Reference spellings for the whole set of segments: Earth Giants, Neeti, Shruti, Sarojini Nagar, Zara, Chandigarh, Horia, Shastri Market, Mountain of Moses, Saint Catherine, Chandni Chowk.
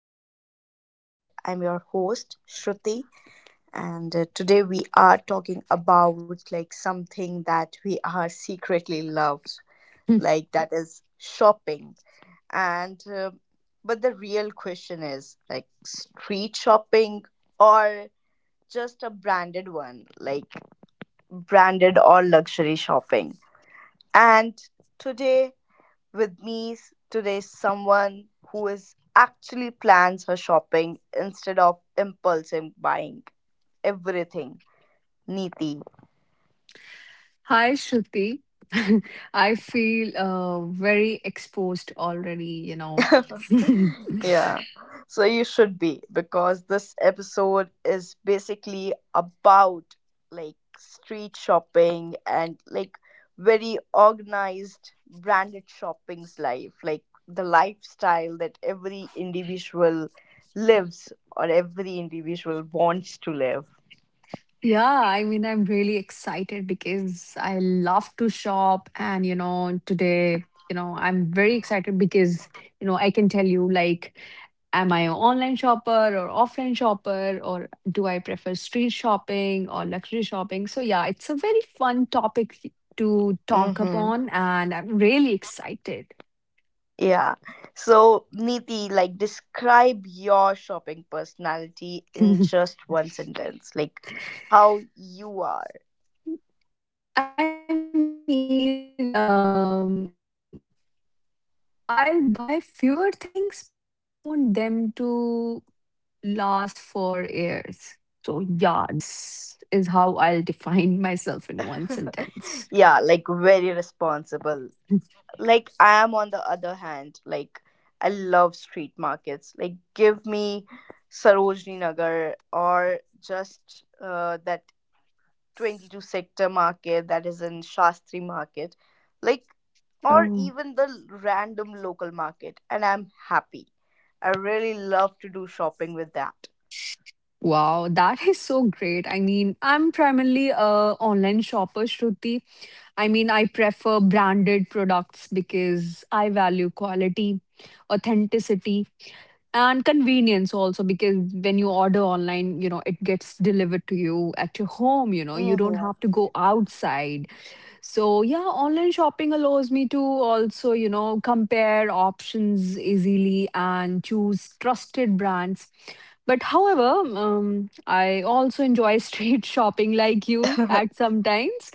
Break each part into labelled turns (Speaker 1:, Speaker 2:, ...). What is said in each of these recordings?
Speaker 1: podcast. And I'm your host, Shruti. And Today we are talking about like something that we are secretly loves, like that is shopping. And but the real question is like street shopping or just a branded one, like branded or luxury shopping. And today with me today is someone who is actually plans her shopping instead of impulsive buying everything. Neeti.
Speaker 2: Hi, Shruti. I feel very exposed already, you know.
Speaker 1: Yeah. So you should be because this episode is basically about like street shopping and like very organized branded shopping's life, like the lifestyle that every individual lives or every individual wants to live.
Speaker 2: Yeah, I mean, I'm really excited because I love to shop. And, you know, today, you know, I'm very excited because, I can tell you, like, am I an online shopper or offline shopper, or do I prefer street shopping or luxury shopping? So, yeah, it's a very fun topic to talk
Speaker 1: Mm-hmm.
Speaker 2: upon, and I'm really excited.
Speaker 1: Yeah. So, Niti, like, describe your shopping personality in just one sentence. Like, how you are.
Speaker 2: I mean, I'll buy fewer things, but I want them to last for years. So, yeah, this is how I'll define myself in one sentence.
Speaker 1: Yeah, like, very responsible. Like, I am, on the other hand, like, I love street markets. Like, give me Sarojini Nagar or just that 22 sector market that is in Shastri market, like,
Speaker 2: Oh,
Speaker 1: or even the random local market, and I'm happy. I really love to do shopping with that.
Speaker 2: wow, that is so great. I mean, I'm primarily a online shopper, Shruti. I mean, I prefer branded products because I value quality, authenticity, and convenience also. Because when you order online, you know, it gets delivered to you at your home, you know, you don't
Speaker 1: Hmm.
Speaker 2: have to go outside. So, yeah, online shopping allows me to also, you know, compare options easily and choose trusted brands. But however, I also enjoy street shopping like you at sometimes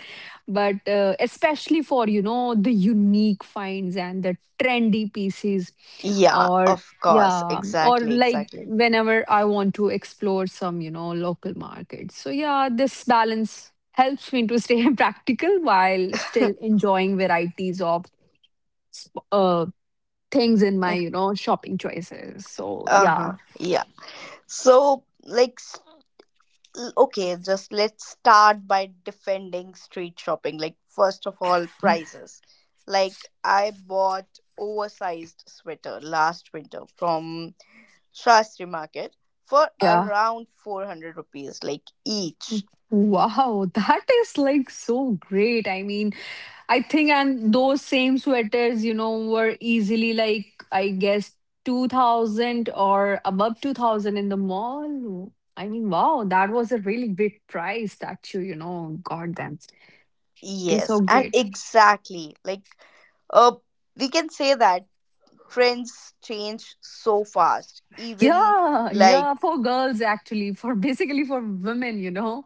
Speaker 2: but especially for you know the unique finds and the trendy pieces
Speaker 1: Yeah,
Speaker 2: or
Speaker 1: of course,
Speaker 2: yeah or
Speaker 1: exactly,
Speaker 2: like
Speaker 1: exactly.
Speaker 2: whenever I want to explore some, you know, local markets. So yeah, this balance helps me to stay practical while still enjoying varieties of sp- uh, things in my, you know, shopping choices. So
Speaker 1: Uh huh,
Speaker 2: yeah,
Speaker 1: yeah. So, like, okay, just let's start by defending street shopping. Like, first of all, prices. Like, I bought oversized sweater last winter from Shastri Market for
Speaker 2: yeah.
Speaker 1: around 400 rupees, like each.
Speaker 2: Wow, that is like so great. I mean, I think, and those same sweaters, you know, were easily like, I guess, 2000 or above 2000 in the mall. I mean, wow, that was a really big price that you know, got them. They're
Speaker 1: Yes,
Speaker 2: so
Speaker 1: and
Speaker 2: great.
Speaker 1: exactly. Like, uh, we can say that trends change so fast. Even
Speaker 2: Yeah,
Speaker 1: like,
Speaker 2: yeah, for girls, actually, for basically for women, you know,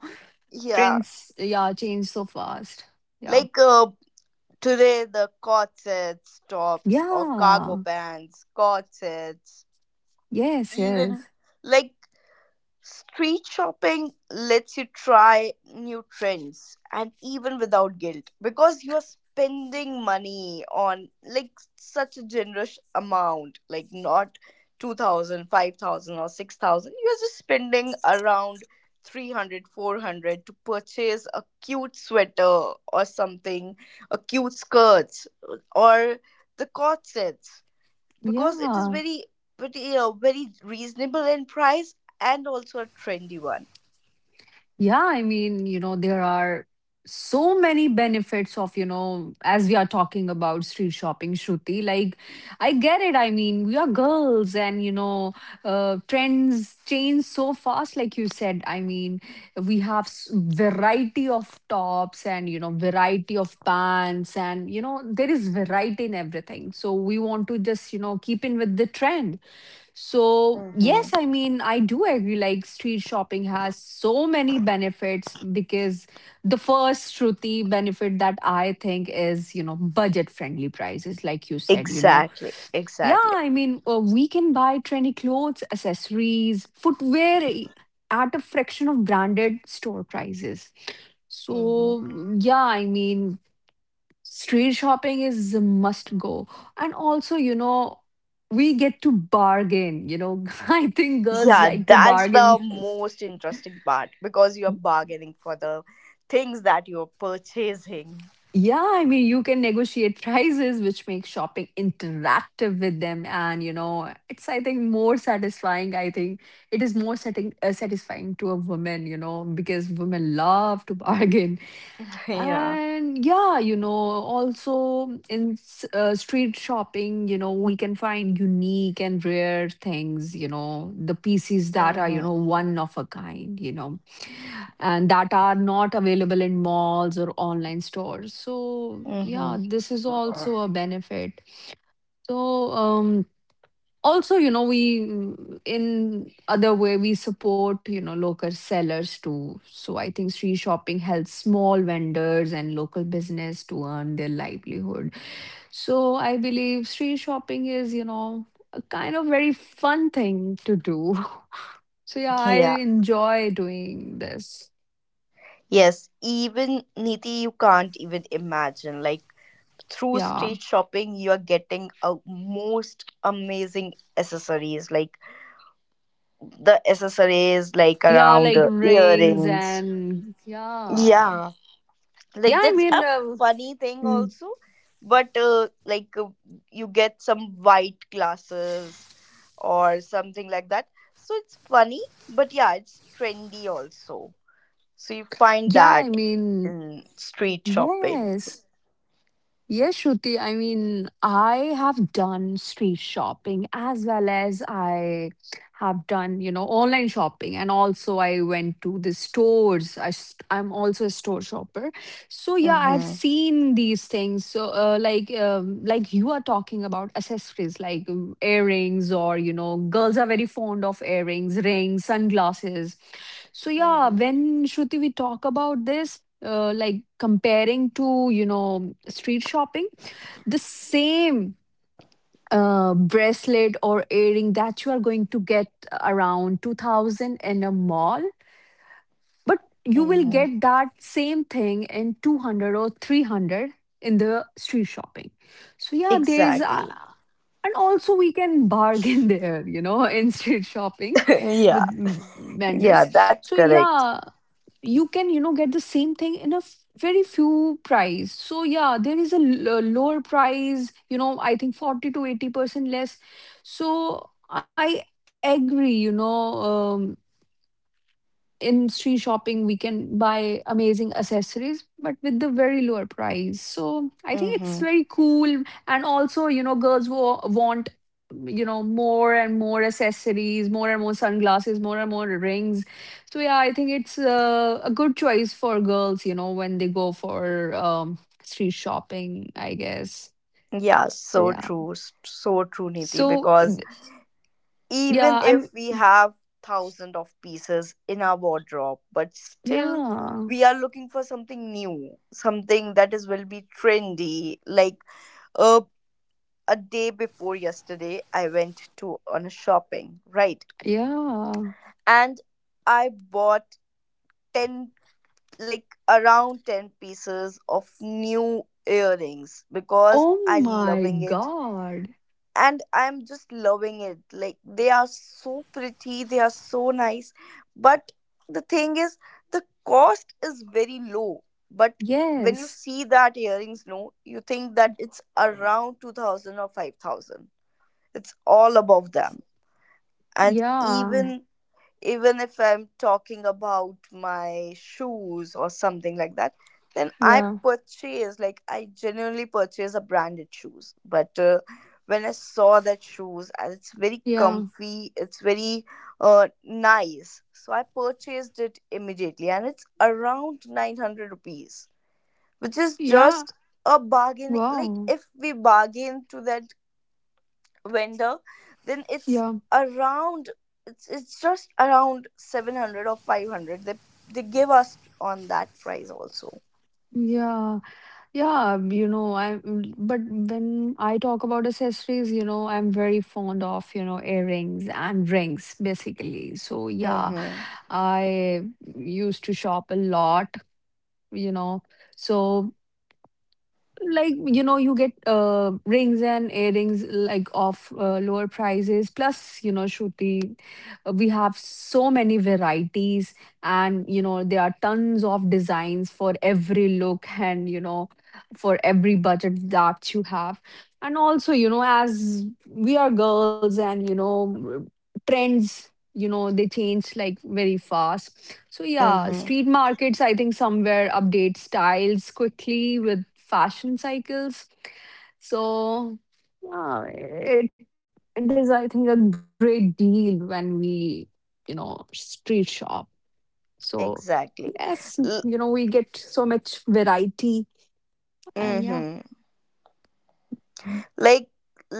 Speaker 1: yeah,
Speaker 2: trends, yeah, change so fast. Yeah.
Speaker 1: like today the corsets, tops, or cargo
Speaker 2: Yeah.
Speaker 1: pants, corsets,
Speaker 2: Yes,
Speaker 1: even
Speaker 2: yes.
Speaker 1: like street shopping lets you try new trends and even without guilt because you are spending money on like such a generous amount, like not 2000 5000 or 6,000. You're just spending around 300 400 to purchase a cute sweater or something, a cute skirts or the corsets because it is
Speaker 2: Yeah.
Speaker 1: very reasonable in price and also a trendy one.
Speaker 2: Yeah, I mean, you know, there are so many benefits of, you know, as we are talking about street shopping, Shruti. Like, I get it. I mean, we are girls and, you know, trends change so fast, like you said. I mean, we have variety of tops and, you know, variety of pants and, you know, there is variety in everything. So we want to just, you know, keep in with the trend. So,
Speaker 1: Mm-hmm.
Speaker 2: yes, I mean, I do agree. Like, street shopping has so many benefits because the first Shruti benefit that I think is, you know, budget friendly prices. Like you said, you know,
Speaker 1: Exactly,
Speaker 2: yeah,
Speaker 1: exactly.
Speaker 2: I mean, we can buy trendy clothes, accessories, footwear at a fraction of branded store prices.
Speaker 1: Mm-hmm.
Speaker 2: So, yeah, I mean, street shopping is a must go. And also, you know, we get to bargain, you know. I think girls
Speaker 1: Yeah,
Speaker 2: like to
Speaker 1: that's the
Speaker 2: bargain.
Speaker 1: most interesting part because you're bargaining for the things that you're purchasing.
Speaker 2: Yeah, I mean, you can negotiate prices, which makes shopping interactive with them. And, you know, it's, I think, more satisfying. I think it is more satisfying to a woman, you know, because women love to bargain.
Speaker 1: Yeah.
Speaker 2: And yeah, you know, also in street shopping, you know, we can find unique and rare things, you know, the pieces that are, you
Speaker 1: Mm-hmm.
Speaker 2: know, one of a kind, you know, and that are not available in malls or online stores. So, yeah,
Speaker 1: Mm-hmm.
Speaker 2: this is also a benefit. So, also, you know, we in other way we support, you know, local sellers too. So I think street shopping helps small vendors and local business to earn their livelihood. So I believe street shopping is, you know, a kind of very fun thing to do. So yeah, I
Speaker 1: Yeah.
Speaker 2: enjoy doing this.
Speaker 1: Yes, even Niti, you can't even imagine like through
Speaker 2: Yeah.
Speaker 1: street shopping you're getting a most amazing accessories like the accessories like
Speaker 2: Yeah,
Speaker 1: around
Speaker 2: like rings
Speaker 1: earrings,
Speaker 2: and yeah.
Speaker 1: yeah,
Speaker 2: Yeah,
Speaker 1: like
Speaker 2: I
Speaker 1: that's
Speaker 2: mean,
Speaker 1: a funny thing
Speaker 2: mm,
Speaker 1: also. But you get some white glasses or something like that, so it's funny but yeah it's trendy also, so you find
Speaker 2: yeah, I
Speaker 1: that
Speaker 2: mean,
Speaker 1: in street shopping.
Speaker 2: yes. Yes, Shruti. I mean, I have done street shopping as I have done, you know, online shopping. And also, I went to the stores. I, I'm also a store shopper. So, yeah, I've
Speaker 1: Mm-hmm.
Speaker 2: seen these things. So, like you are talking about accessories like earrings, or, you know, girls are very fond of earrings, rings, sunglasses. So yeah,
Speaker 1: Mm-hmm.
Speaker 2: when Shruti we talk about this, like comparing to, you know, street shopping, the same bracelet or earring that you are going to get around 2,000 in a mall, but you will
Speaker 1: Mm-hmm.
Speaker 2: get that same thing in 200 or 300 in the street shopping. So yeah, there is, a,
Speaker 1: Exactly.
Speaker 2: and also we can bargain there, you know, in street shopping
Speaker 1: Yeah.
Speaker 2: with vendors.
Speaker 1: Yeah,
Speaker 2: So
Speaker 1: that's correct.
Speaker 2: yeah, you can, you know, get the same thing in a very few price. So yeah, there is a a lower price, you know, I think 40 to 80% less. So I agree, you know, in street shopping we can buy amazing accessories but with the very lower price. So I think it's
Speaker 1: Mm-hmm.
Speaker 2: very cool. And also, you know, girls want, you know, more and more accessories, more and more sunglasses, more and more rings. So yeah, I think it's a good choice for girls, you know, when they go for street shopping, I guess.
Speaker 1: Yeah, so
Speaker 2: Yeah.
Speaker 1: true. So true, Niti,
Speaker 2: So
Speaker 1: because even
Speaker 2: yeah I'm
Speaker 1: if we have thousands of pieces in our wardrobe but still
Speaker 2: yeah
Speaker 1: we are looking for something new, something that is will be trendy like uh, a day before yesterday I went to on a shopping, right?
Speaker 2: yeah
Speaker 1: And I bought 10, like around 10 pieces of new earrings because
Speaker 2: oh
Speaker 1: I
Speaker 2: my
Speaker 1: loving it
Speaker 2: god.
Speaker 1: and I'm just loving it, like they are so pretty, they are so nice. But the thing is the cost is very low, but when you
Speaker 2: Yes.
Speaker 1: see that earrings no you think that it's around 2,000 or 5,000, it's all above them. And
Speaker 2: Yeah.
Speaker 1: even, even if I'm talking about my shoes or something like that, then I
Speaker 2: Yeah.
Speaker 1: purchase like I genuinely purchase a branded shoes. But when I saw that shoes, and it's very
Speaker 2: Yeah.
Speaker 1: comfy, it's very nice, so I purchased it immediately, and it's around 900 rupees, which is
Speaker 2: Yeah.
Speaker 1: just a bargain. Like
Speaker 2: Wow.
Speaker 1: if we bargain to that vendor, then it's
Speaker 2: Yeah.
Speaker 1: around, it's just around 700 or 500, they give us on that price also.
Speaker 2: Yeah. Yeah. You know, I, mm, but when I talk about accessories, you know, I'm very fond of, you know, earrings and rings, basically. So, yeah,
Speaker 1: Mm-hmm.
Speaker 2: I used to shop a lot, you know. So, like, you know, you get rings and earrings like of lower prices. Plus, you know, Shruti, we have so many varieties, and you know there are tons of designs for every look and, you know, for every budget that you have. And also, you know, as we are girls and, you know, trends, you know, they change like very fast. So yeah,
Speaker 1: Mm-hmm.
Speaker 2: street markets, I think, somewhere update styles quickly with fashion cycles. So yeah, it is, I think, a great deal when we, you know, street shop. So
Speaker 1: Exactly.
Speaker 2: yes,
Speaker 1: L-
Speaker 2: you know, we get so much variety. And yeah,
Speaker 1: mm-hmm. Like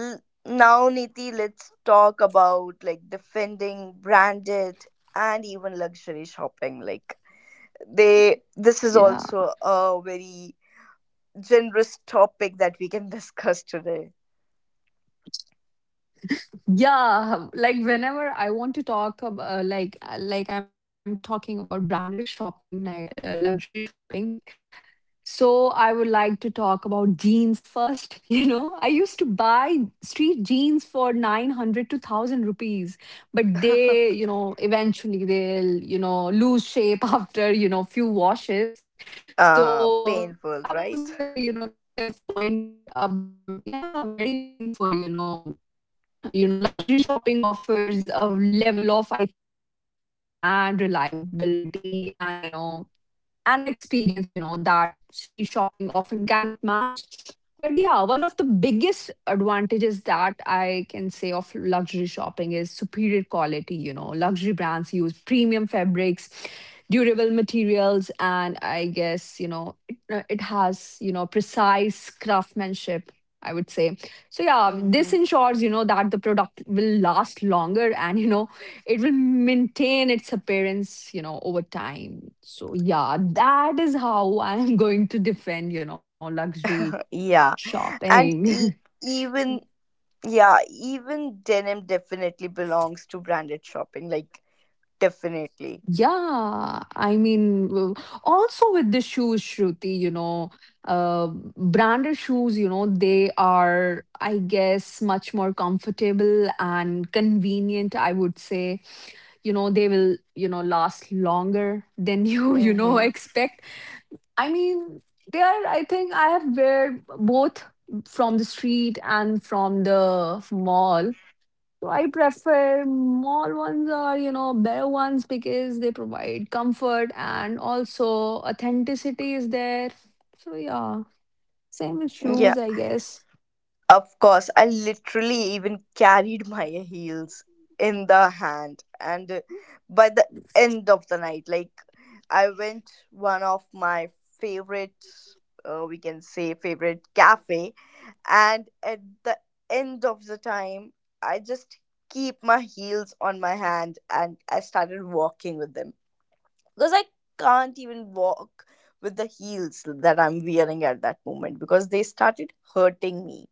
Speaker 1: l- now Niti, let's talk about like defending branded and even luxury shopping, like they this is also
Speaker 2: yeah.
Speaker 1: a very generous topic that we can discuss today.
Speaker 2: Yeah, like whenever I want to talk about like I'm talking about branded shopping, like, luxury shopping. So I would like to talk about jeans first. You know, I used to buy street jeans for 900 to 1000 rupees, but they, you know, eventually they'll, you know, lose shape after, you know, few washes. So
Speaker 1: Painful,
Speaker 2: that was
Speaker 1: right?
Speaker 2: a very, you know, negative point about, yeah, you know, and the experience, you know, that street shopping often cannot match. But yeah, one of the biggest advantages that I can say of luxury shopping is superior quality. You know, luxury brands use premium fabrics, durable materials, and I guess, you know, it, it has, you know, precise craftsmanship, I would say. So yeah, this ensures,
Speaker 1: Hmm.
Speaker 2: you know, that the product will last longer and, you know, it will maintain its appearance, you know, over time. So yeah, that is how I'm going to defend, you know, luxury
Speaker 1: Yeah, and
Speaker 2: shopping.
Speaker 1: e- even yeah, even denim definitely belongs to branded shopping. Like definitely.
Speaker 2: Yeah, I mean, also with the shoes, Shruti, you know, branded shoes, you know, they are, I guess, much more comfortable and convenient. I would say, you know, they will, you know, last longer than you, you know,
Speaker 1: Mm-hmm.
Speaker 2: expect. I mean, they are. I think I have wear both from the street and from the mall. So I prefer mall ones are, you know, better ones because they provide comfort and also authenticity is there. So yeah, same with
Speaker 1: Yeah.
Speaker 2: shoes, I guess.
Speaker 1: Of course, I literally even carried my heels in the hand. And By the end of the night, like I went one of my favorite, we can say favorite cafe, and at the end of the time, I just keep my heels on my hand and I started walking with them because I can't even walk with the heels that I'm wearing at that moment because they started hurting me,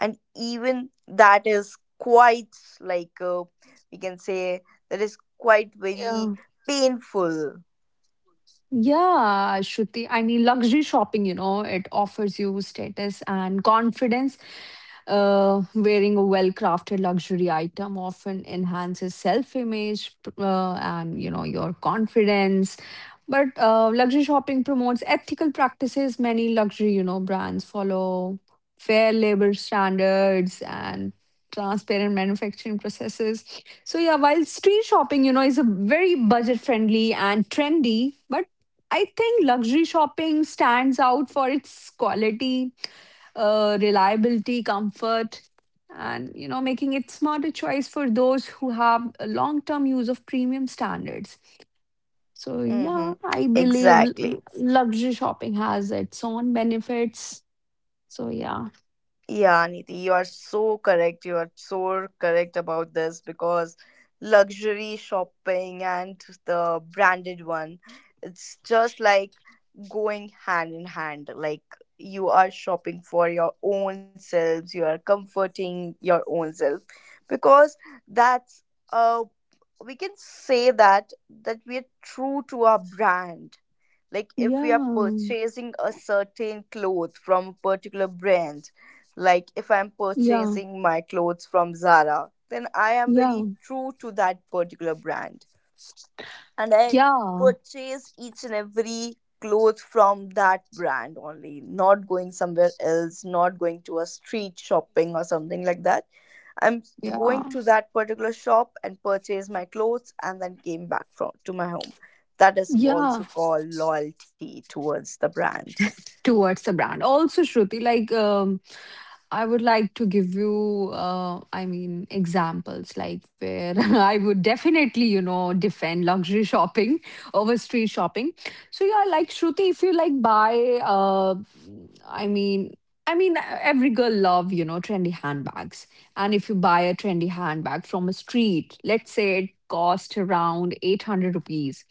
Speaker 1: and even that is quite like we can say that is quite
Speaker 2: Yeah.
Speaker 1: very painful.
Speaker 2: Yeah, Shruti. I mean, luxury shopping, you know, it offers you status and confidence. Wearing a well crafted luxury item often enhances self image and, you your confidence. But luxury shopping promotes ethical practices. Many luxury, you know, brands follow fair labor standards and transparent manufacturing processes. So yeah, while street shopping, you know, is a very budget friendly and trendy, but I think luxury shopping stands out for its quality, reliability, comfort, and you know, making it smarter choice for those who have a long-term use of premium standards. So
Speaker 1: Mm-hmm.
Speaker 2: yeah, I believe
Speaker 1: Exactly.
Speaker 2: luxury shopping has its own benefits. So yeah,
Speaker 1: Yeah, Niti, you are so correct, you are so correct about this because luxury shopping and the branded one it's just like going hand in hand. Like you are shopping for your own selves, you are comforting your own self, because that's uh we can say that, that we are true to our brand. Like if we are
Speaker 2: yeah,
Speaker 1: purchasing a certain cloth from a particular brand, like if I'm
Speaker 2: yeah,
Speaker 1: purchasing my clothes from Zara, then I am very
Speaker 2: yeah,
Speaker 1: true to that particular brand, and I
Speaker 2: yeah.
Speaker 1: purchase each and every clothes from that brand only, not going somewhere else, not going to a street shopping or something like that. I'm going
Speaker 2: Yeah,
Speaker 1: to that particular shop and purchase my clothes and then came back from to my home. That is
Speaker 2: yeah,
Speaker 1: also called loyalty towards the brand.
Speaker 2: towards the brand. Also, Shruti, like I would like to give you, I mean, examples like where I would definitely, you know, defend luxury shopping over street shopping. So yeah, like Shruti, if you like buy, I mean. I mean, every girl love, you know, trendy handbags. And if you buy a trendy handbag from a street, let's say it cost around 800 rupees.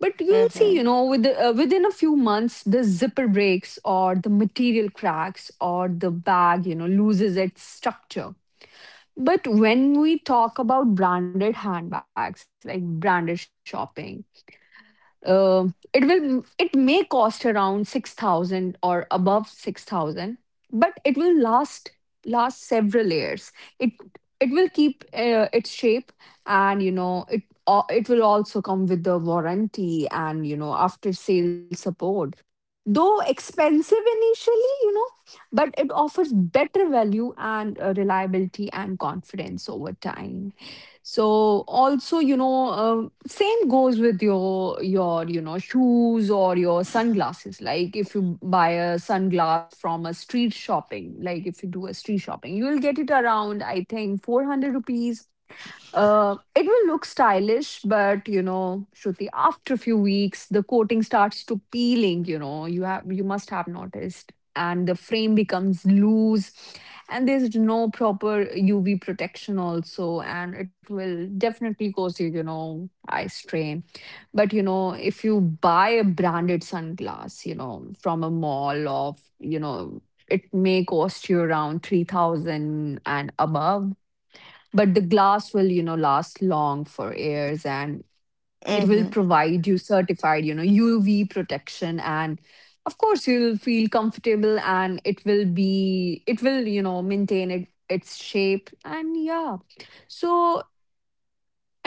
Speaker 2: But you'll
Speaker 1: Mm-hmm.
Speaker 2: see, you know, with the, within a few months, the zipper breaks or the material cracks or the bag, you know, loses its structure. But when we talk about branded handbags, like branded shopping, it will it may cost around 6,000 or above 6,000, but it will last last several years. It it will keep its shape, and you know it will also come with the warranty and you know after sale support. Though expensive initially, you know, but it offers better value and reliability and confidence over time. So also, you know, same goes with your you know shoes or your sunglasses. Like if you buy a sunglass from a street shopping, like if you do a street shopping, you will get it around, I think, 400 rupees. It will look stylish, but you know, Shruti, after a few weeks, the coating starts to peeling, you know, you must have noticed. And the frame becomes loose, and there's no proper UV protection also, and it will definitely cause you know, eye strain. But you know, if you buy a branded sunglass, you know, from a mall of, you know, it may cost you around 3000 and above, but the glass will, you know, last long for years, and it will
Speaker 1: Mm-hmm.
Speaker 2: provide you certified, you know, UV protection, and of course you'll feel comfortable, and it will, you know, maintain its shape. And yeah, so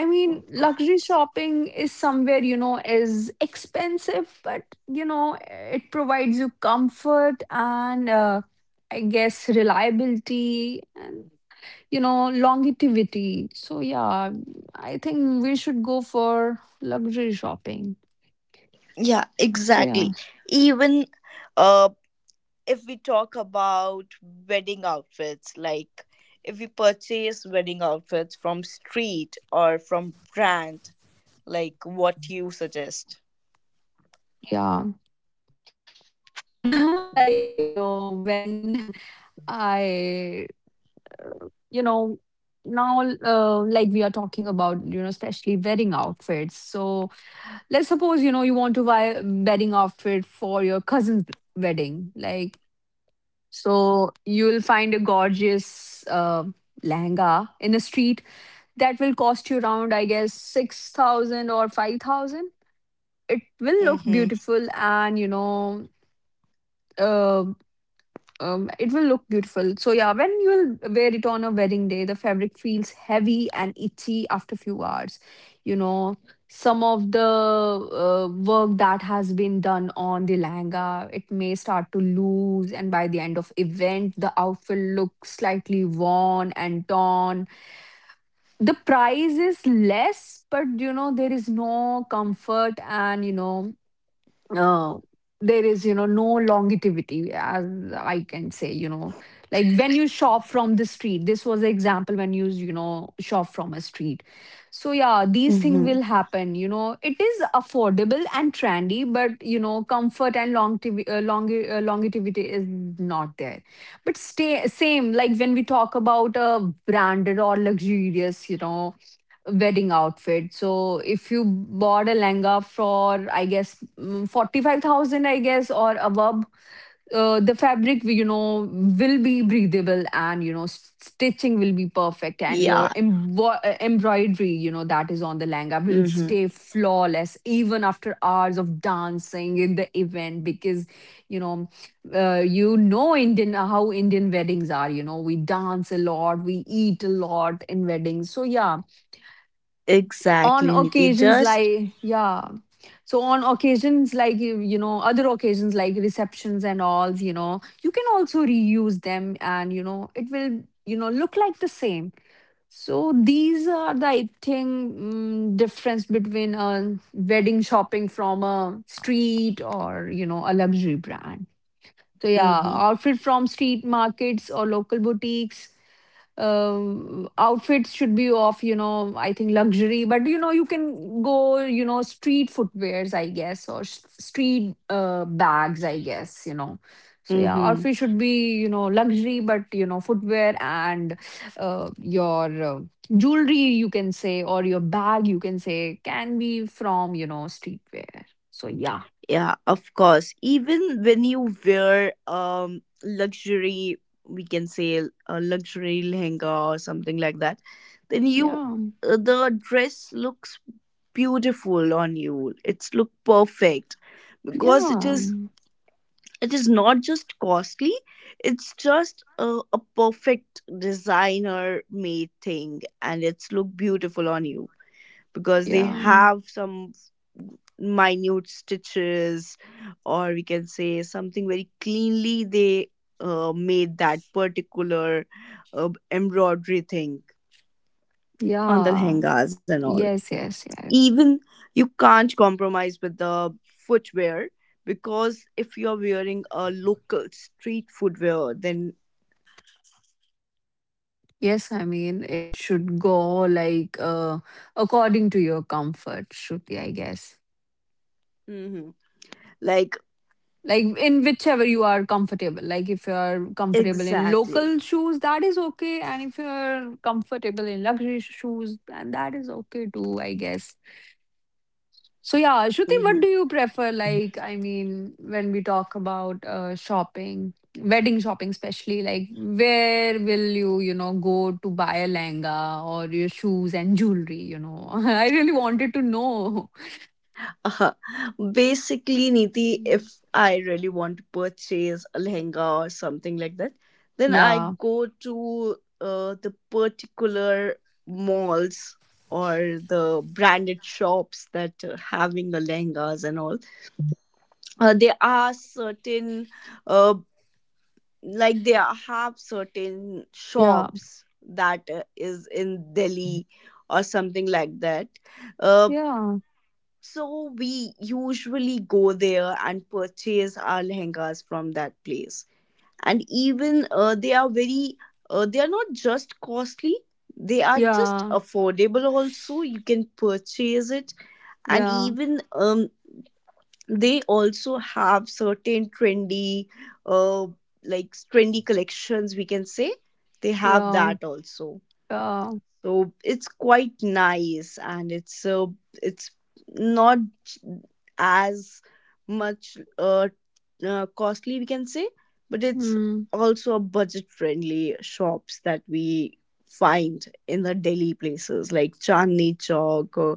Speaker 2: I mean luxury shopping is somewhere, you know, is expensive, but you know, it provides you comfort and I guess reliability, you know, longevity. So yeah, I think we should go for luxury shopping.
Speaker 1: Yeah,
Speaker 2: So yeah,
Speaker 1: exactly. Even uh if we talk about wedding outfits, like if we purchase wedding outfits from street or from brand, like what you
Speaker 2: yeah.
Speaker 1: suggest.
Speaker 2: Like, you know, when I, you know, now like we are talking about, you know, especially wedding outfits. So let's suppose, you know, you want to buy a wedding outfit for your cousin's wedding. Like, so you'll find a gorgeous lehenga in the street that will cost you around, I guess, 6000 or 5000. It will look
Speaker 1: Mm-hmm.
Speaker 2: beautiful and, you know, uh, it will look beautiful. So yeah, when you will wear it on a wedding day, the fabric feels heavy and itchy after few hours. Some of the work that has been done on the langa, it may start to loose, and by the end of event the outfit looks slightly worn and torn. The price is less, but you know there is no comfort, and you know, uh, there is, you know, no longevity, as I can say, you know. Like when you shop from the street, this was the example, when you know, shop from a street. So yeah, these things
Speaker 1: Mm-hmm.
Speaker 2: will happen, you know. It is affordable and trendy, but you know comfort and longevity, longevity is not there. But stay same, like when we talk about a branded or luxurious, you know, wedding outfit. So if you bought a lehenga for, I guess, 45,000, I guess, or above, the fabric, you know, will be breathable, and you know, stitching will be perfect. And your
Speaker 1: Yeah.
Speaker 2: embroidery, you know, that is on the lehenga will
Speaker 1: Mm-hmm.
Speaker 2: stay flawless even after hours of dancing in the event, because, you know, you know, Indian, how Indian weddings are. You know, we dance a lot, we eat a lot in weddings. So yeah, on
Speaker 1: Exactly, Niti.
Speaker 2: occasions
Speaker 1: Just.
Speaker 2: like yeah on occasions like, you know, other occasions like receptions and all, you know, you can also reuse them, and you know it will, you know, look like the same. So these are the, I think, difference between a wedding shopping from a street or, you know, a luxury brand. So yeah,
Speaker 1: Mm-hmm.
Speaker 2: outfit from street markets or local boutiques, um, outfits should be of, you know, I think luxury, but you know you can go, you know, street footwears, I guess, or s- street bags, I guess, you know. So yeah,
Speaker 1: Mm-hmm.
Speaker 2: outfit should be, you know, luxury, but you know footwear and your jewelry, you can say, or your bag, you can say, can be from, you know, streetwear. So yeah,
Speaker 1: Yeah, of course. Even when you wear luxury, we can say a luxury lehenga or something like that, then you
Speaker 2: yeah,
Speaker 1: the dress looks beautiful on you, it's look perfect because it
Speaker 2: yeah,
Speaker 1: is, it is not just costly, it's just a perfect designer made thing and it's look beautiful on you because they
Speaker 2: yeah,
Speaker 1: have some minute stitches, or we can say something very cleanly they made that particular embroidery thing on the
Speaker 2: yeah,
Speaker 1: lehengas and all.
Speaker 2: yes, yes, yes.
Speaker 1: Even you can't compromise with the footwear because if you're wearing a local street footwear, then
Speaker 2: Yes, I mean, it should go like according to your comfort, should I guess.
Speaker 1: Mhm. Like
Speaker 2: Like in whichever you are comfortable. Like if you're comfortable in
Speaker 1: exactly.
Speaker 2: local shoes, that is okay. And if you're comfortable in luxury shoes, then that is okay too, I guess. So yeah, Shruti, what
Speaker 1: Mhm.
Speaker 2: do you prefer? Like, I mean, when we talk about shopping, wedding shopping especially, like where will you, you know, go to buy a lehenga or your shoes and jewelry, you know? I really wanted to know.
Speaker 1: Uh-huh. Basically Niti, if
Speaker 2: Mm.
Speaker 1: I really want to purchase a lehenga or something like that, then I
Speaker 2: Yeah,
Speaker 1: go to the particular malls or the branded shops that are having the lehengas and all. There are certain uh, like there have certain
Speaker 2: yeah,
Speaker 1: shops that is in Delhi or something like that, uh,
Speaker 2: yeah,
Speaker 1: so we usually go there and purchase our lehengas from that place. And even they are very they are not just costly, they are just
Speaker 2: yeah,
Speaker 1: affordable also, you can purchase it. And
Speaker 2: yeah,
Speaker 1: even they also have certain trendy uh like trendy collections we can say, they have
Speaker 2: yeah,
Speaker 1: that also.
Speaker 2: yeah.
Speaker 1: So it's quite nice and it's it's not as much costly we can say, but it's
Speaker 2: Hmm.
Speaker 1: also a budget friendly shops that we find in the Delhi places like Chandni Chowk,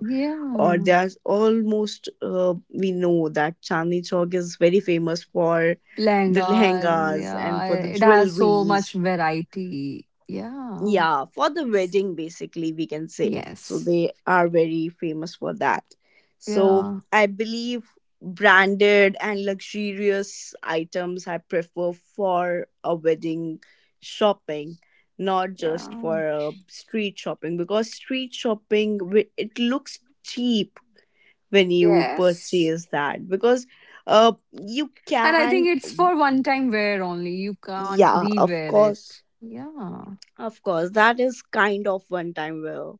Speaker 1: or
Speaker 2: Yeah.
Speaker 1: there's almost we know that Chandni Chowk is very famous for the
Speaker 2: Lehengas,
Speaker 1: lehengas
Speaker 2: yeah.
Speaker 1: and for the
Speaker 2: It has so
Speaker 1: jewelries.
Speaker 2: much variety. Yeah.
Speaker 1: Yeah, for the wedding basically we can say. So
Speaker 2: Yes.
Speaker 1: they are very famous for that. So
Speaker 2: Yeah.
Speaker 1: I believe branded and luxurious items I prefer for a wedding shopping, not
Speaker 2: Yeah.
Speaker 1: just for a street shopping, because street shopping it looks cheap when you
Speaker 2: Yes.
Speaker 1: purchase that because you
Speaker 2: And I
Speaker 1: can,
Speaker 2: think it's for one time wear only. You can't
Speaker 1: yeah of
Speaker 2: rewear it.
Speaker 1: course,
Speaker 2: Yeah.
Speaker 1: of course that is kind of one time where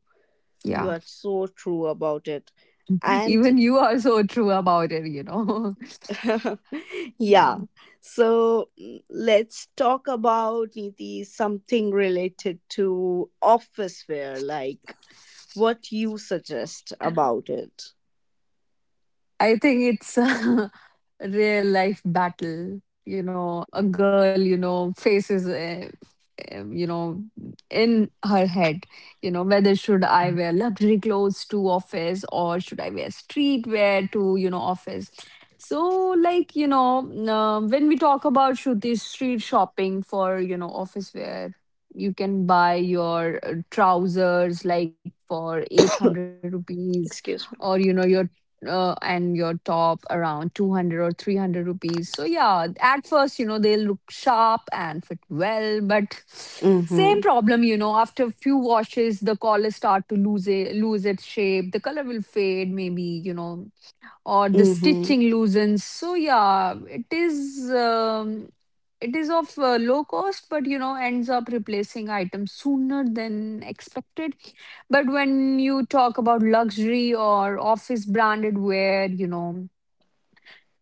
Speaker 1: you
Speaker 2: Yeah.
Speaker 1: are so true about it. And
Speaker 2: Even you are so true about it, you know. Yeah.
Speaker 1: yeah. So mm, let's talk about Niti something related to office wear, like what you suggest about it.
Speaker 2: I think it's a real life battle. You know, a girl, you know, faces, you know, in her head, you know, whether should I wear luxury clothes to office or should I wear streetwear to, you know, office. So, like, you know, when we talk about Shruti street shopping for, you know, office wear, you can buy your trousers like for 800 rupees, or you
Speaker 1: Excuse me.
Speaker 2: know your and your top around 200 or 300 rupees. So, yeah, at first, you know, they'll look sharp and fit well, but same
Speaker 1: Mm-hmm.
Speaker 2: problem, you know, after a few washes, the collar start to lose its shape, the color will fade, maybe, you know, or the
Speaker 1: Mm-hmm.
Speaker 2: stitching loosens. So yeah, it is of low cost, but you know ends up replacing items sooner than expected. But when you talk about luxury or office branded wear, you know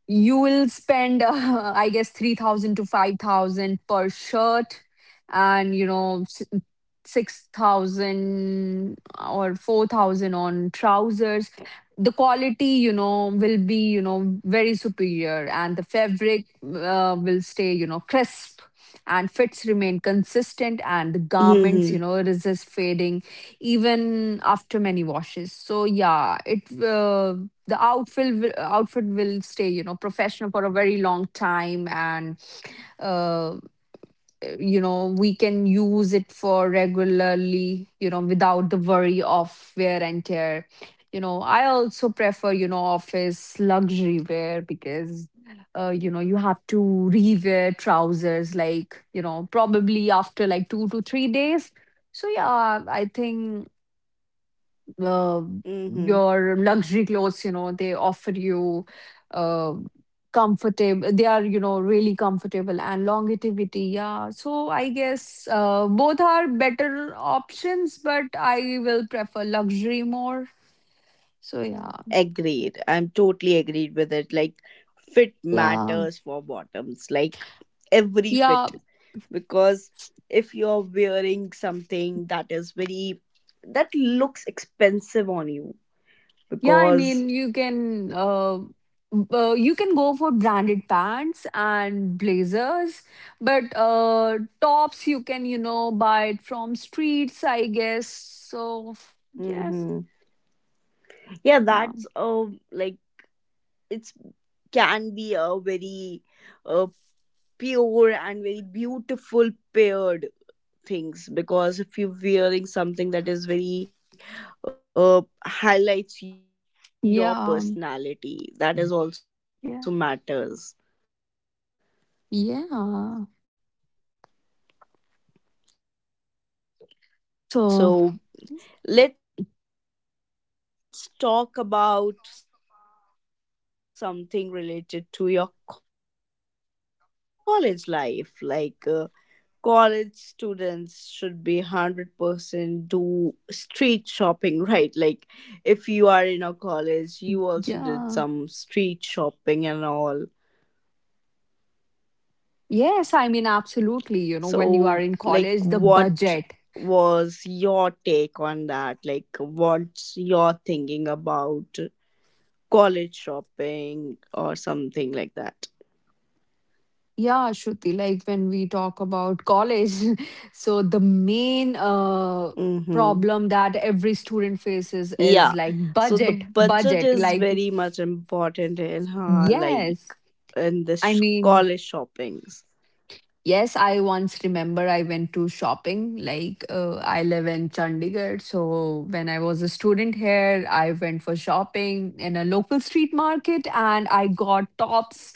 Speaker 2: you will spend I guess 3000 to 5000 per shirt, and you know 6000 or 4000 on trousers. The quality, you know, will be, you know, very superior, and the fabric will stay, you know, crisp, and fits remain consistent, and the garments, you
Speaker 1: Mm-hmm.
Speaker 2: know, resist fading even after many washes. So yeah, it outfit will stay, you know, professional for a very long time, and uh, you know, we can use it for regularly, you know, without the worry of wear and tear. You know, I also prefer, you know, office luxury wear because you know you have to rewear trousers like, you know, probably after like 2 to 3 days. So yeah, I think uh,
Speaker 1: Mm-hmm.
Speaker 2: your luxury clothes, you know, they offer you uh, comfortable, they are, you know, really comfortable, and longevity. Yeah, so I guess both are better options, but I will prefer luxury more. So yeah,
Speaker 1: Agreed. I'm totally agreed with it. Like, fit
Speaker 2: yeah,
Speaker 1: matters for bottoms, like, every
Speaker 2: yeah.
Speaker 1: fit. Because if you're wearing something that is very, that looks expensive on you,
Speaker 2: Yeah, I
Speaker 1: because,
Speaker 2: mean, you can go for branded pants and blazers, but tops you can, you know, buy it from streets, I guess. So yes,
Speaker 1: hmm, yeah,
Speaker 2: yeah,
Speaker 1: that's, like, it's can be a very uh, pure and very beautiful paired things because if you're wearing something that is very highlights your personality,
Speaker 2: yeah,
Speaker 1: that is also
Speaker 2: yeah,
Speaker 1: matters.
Speaker 2: yeah. So
Speaker 1: So let's talk about something related to your college life, like college students should be 100% do street shopping, right? Like if you are in a college you also did some street shopping and all. So, like, what was your take on that? Like, what's
Speaker 2: yes, I
Speaker 1: your
Speaker 2: mean,
Speaker 1: thinking
Speaker 2: absolutely. You
Speaker 1: about
Speaker 2: know, when you are in
Speaker 1: college
Speaker 2: college, the
Speaker 1: shopping
Speaker 2: budget.
Speaker 1: or something like that? Mm-hmm. Yeah.
Speaker 2: Yeah,
Speaker 1: So the
Speaker 2: Shruti,
Speaker 1: budget
Speaker 2: like
Speaker 1: is
Speaker 2: when we
Speaker 1: very
Speaker 2: talk
Speaker 1: much
Speaker 2: about
Speaker 1: important in
Speaker 2: college,
Speaker 1: her,
Speaker 2: so
Speaker 1: like,
Speaker 2: the
Speaker 1: in this
Speaker 2: main
Speaker 1: college shoppings.
Speaker 2: problem that every student faces is like budget, budget. Like, yes, I mean, yes, I once remember I went to shopping. Like, I live in Chandigarh. So when I was a student here, I went for shopping in a local street market, and I got tops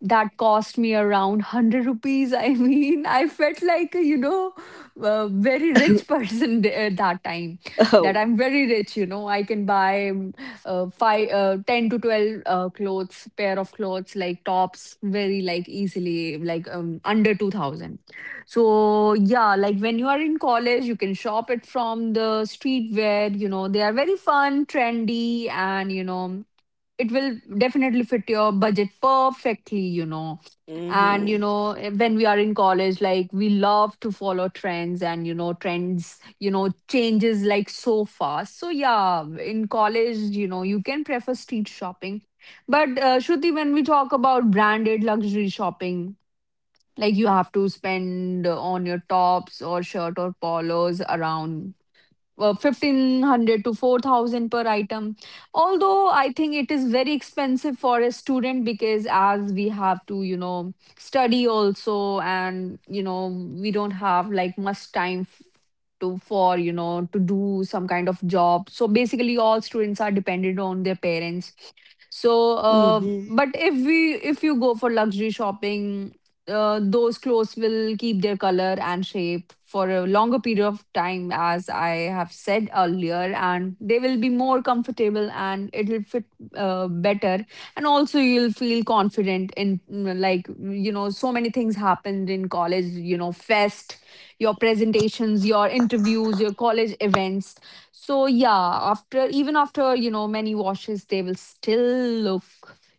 Speaker 2: that cost me around 100 rupees. I mean, I felt like, you know, a very rich person at that time, that I'm very rich, you know. I can buy 10 to
Speaker 1: Oh.
Speaker 2: 12 clothes pair of clothes like tops very like easily, like, under 2000. So yeah, like when you are in college, you can shop it from the streetwear. You know, they are very fun, trendy, and you know it will definitely fit your budget perfectly, you know. And, you know, when we are in college, like we love to follow trends,
Speaker 1: Mm-hmm.
Speaker 2: and, you know, trends, you know, changes like so fast. So, yeah, in college, you know, you can prefer street shopping. But, Shruti, when we talk about branded luxury shopping, like you have to spend on your tops or shirt or polos around 1500 to 4000 per item, although I think it is very expensive for a student, because as we have to, you know, study also, and you know we don't have like much time f- to for, you know, to do some kind of job. So basically all students are dependent on their parents. So, but if you go for luxury
Speaker 1: Mm-hmm.
Speaker 2: shopping, those clothes will keep their color and shape for a longer period of time, as I have said earlier, and they will be more comfortable, and it will fit better. And also, you'll feel confident in, like, you know, so many things happened in college. You know, fest, your presentations, your interviews, your college events. So yeah, after even after, you know, many washes, they will still look,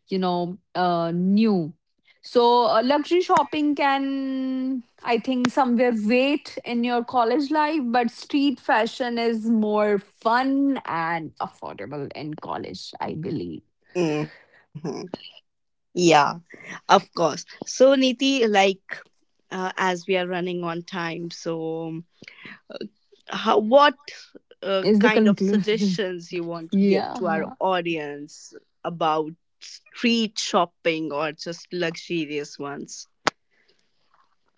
Speaker 2: you know, new. So luxury shopping can, I think, somewhere wait in your college life, but street fashion is more fun and affordable in college, I believe,
Speaker 1: Mm-hmm. Yeah, of course. So, Niti, like, as we are running on time, so how, what
Speaker 2: is the
Speaker 1: kind of
Speaker 2: conclusion.
Speaker 1: suggestions you want to give to our
Speaker 2: Yeah.
Speaker 1: audience about street shopping or just luxurious ones.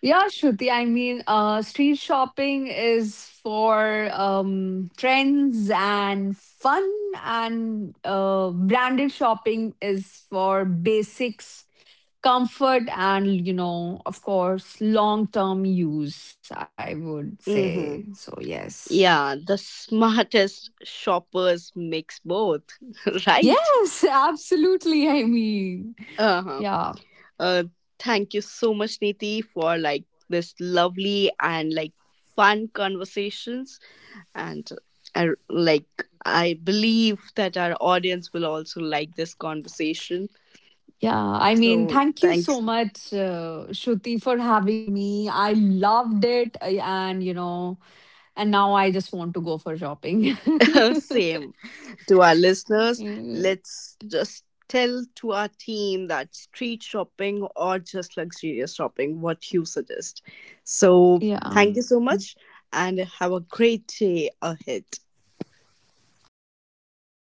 Speaker 2: Yeah, Shruti. I mean, street shopping is for trends and fun, and branded shopping is for basics, comfort, and, you know, of course, long term use, I would say.
Speaker 1: Mm-hmm.
Speaker 2: So, yes.
Speaker 1: Yeah, the smartest shoppers mix both. Right.
Speaker 2: Yes, absolutely. I mean,
Speaker 1: Uh-huh.
Speaker 2: yeah.
Speaker 1: uh Thank you so much Niti for like this lovely and like fun conversations. And I, like I believe that our audience will also like this conversation.
Speaker 2: Yeah, I mean,
Speaker 1: So
Speaker 2: thank you so
Speaker 1: thanks,
Speaker 2: much, Shruti, for having me. I loved it. And, you know, and now I just want to go for shopping.
Speaker 1: same to our listeners.
Speaker 2: Yeah.
Speaker 1: Let's just tell to our team that street shopping or just luxurious shopping, what you suggest. So thank you so much and have a great day ahead.
Speaker 2: Thanks. Bye.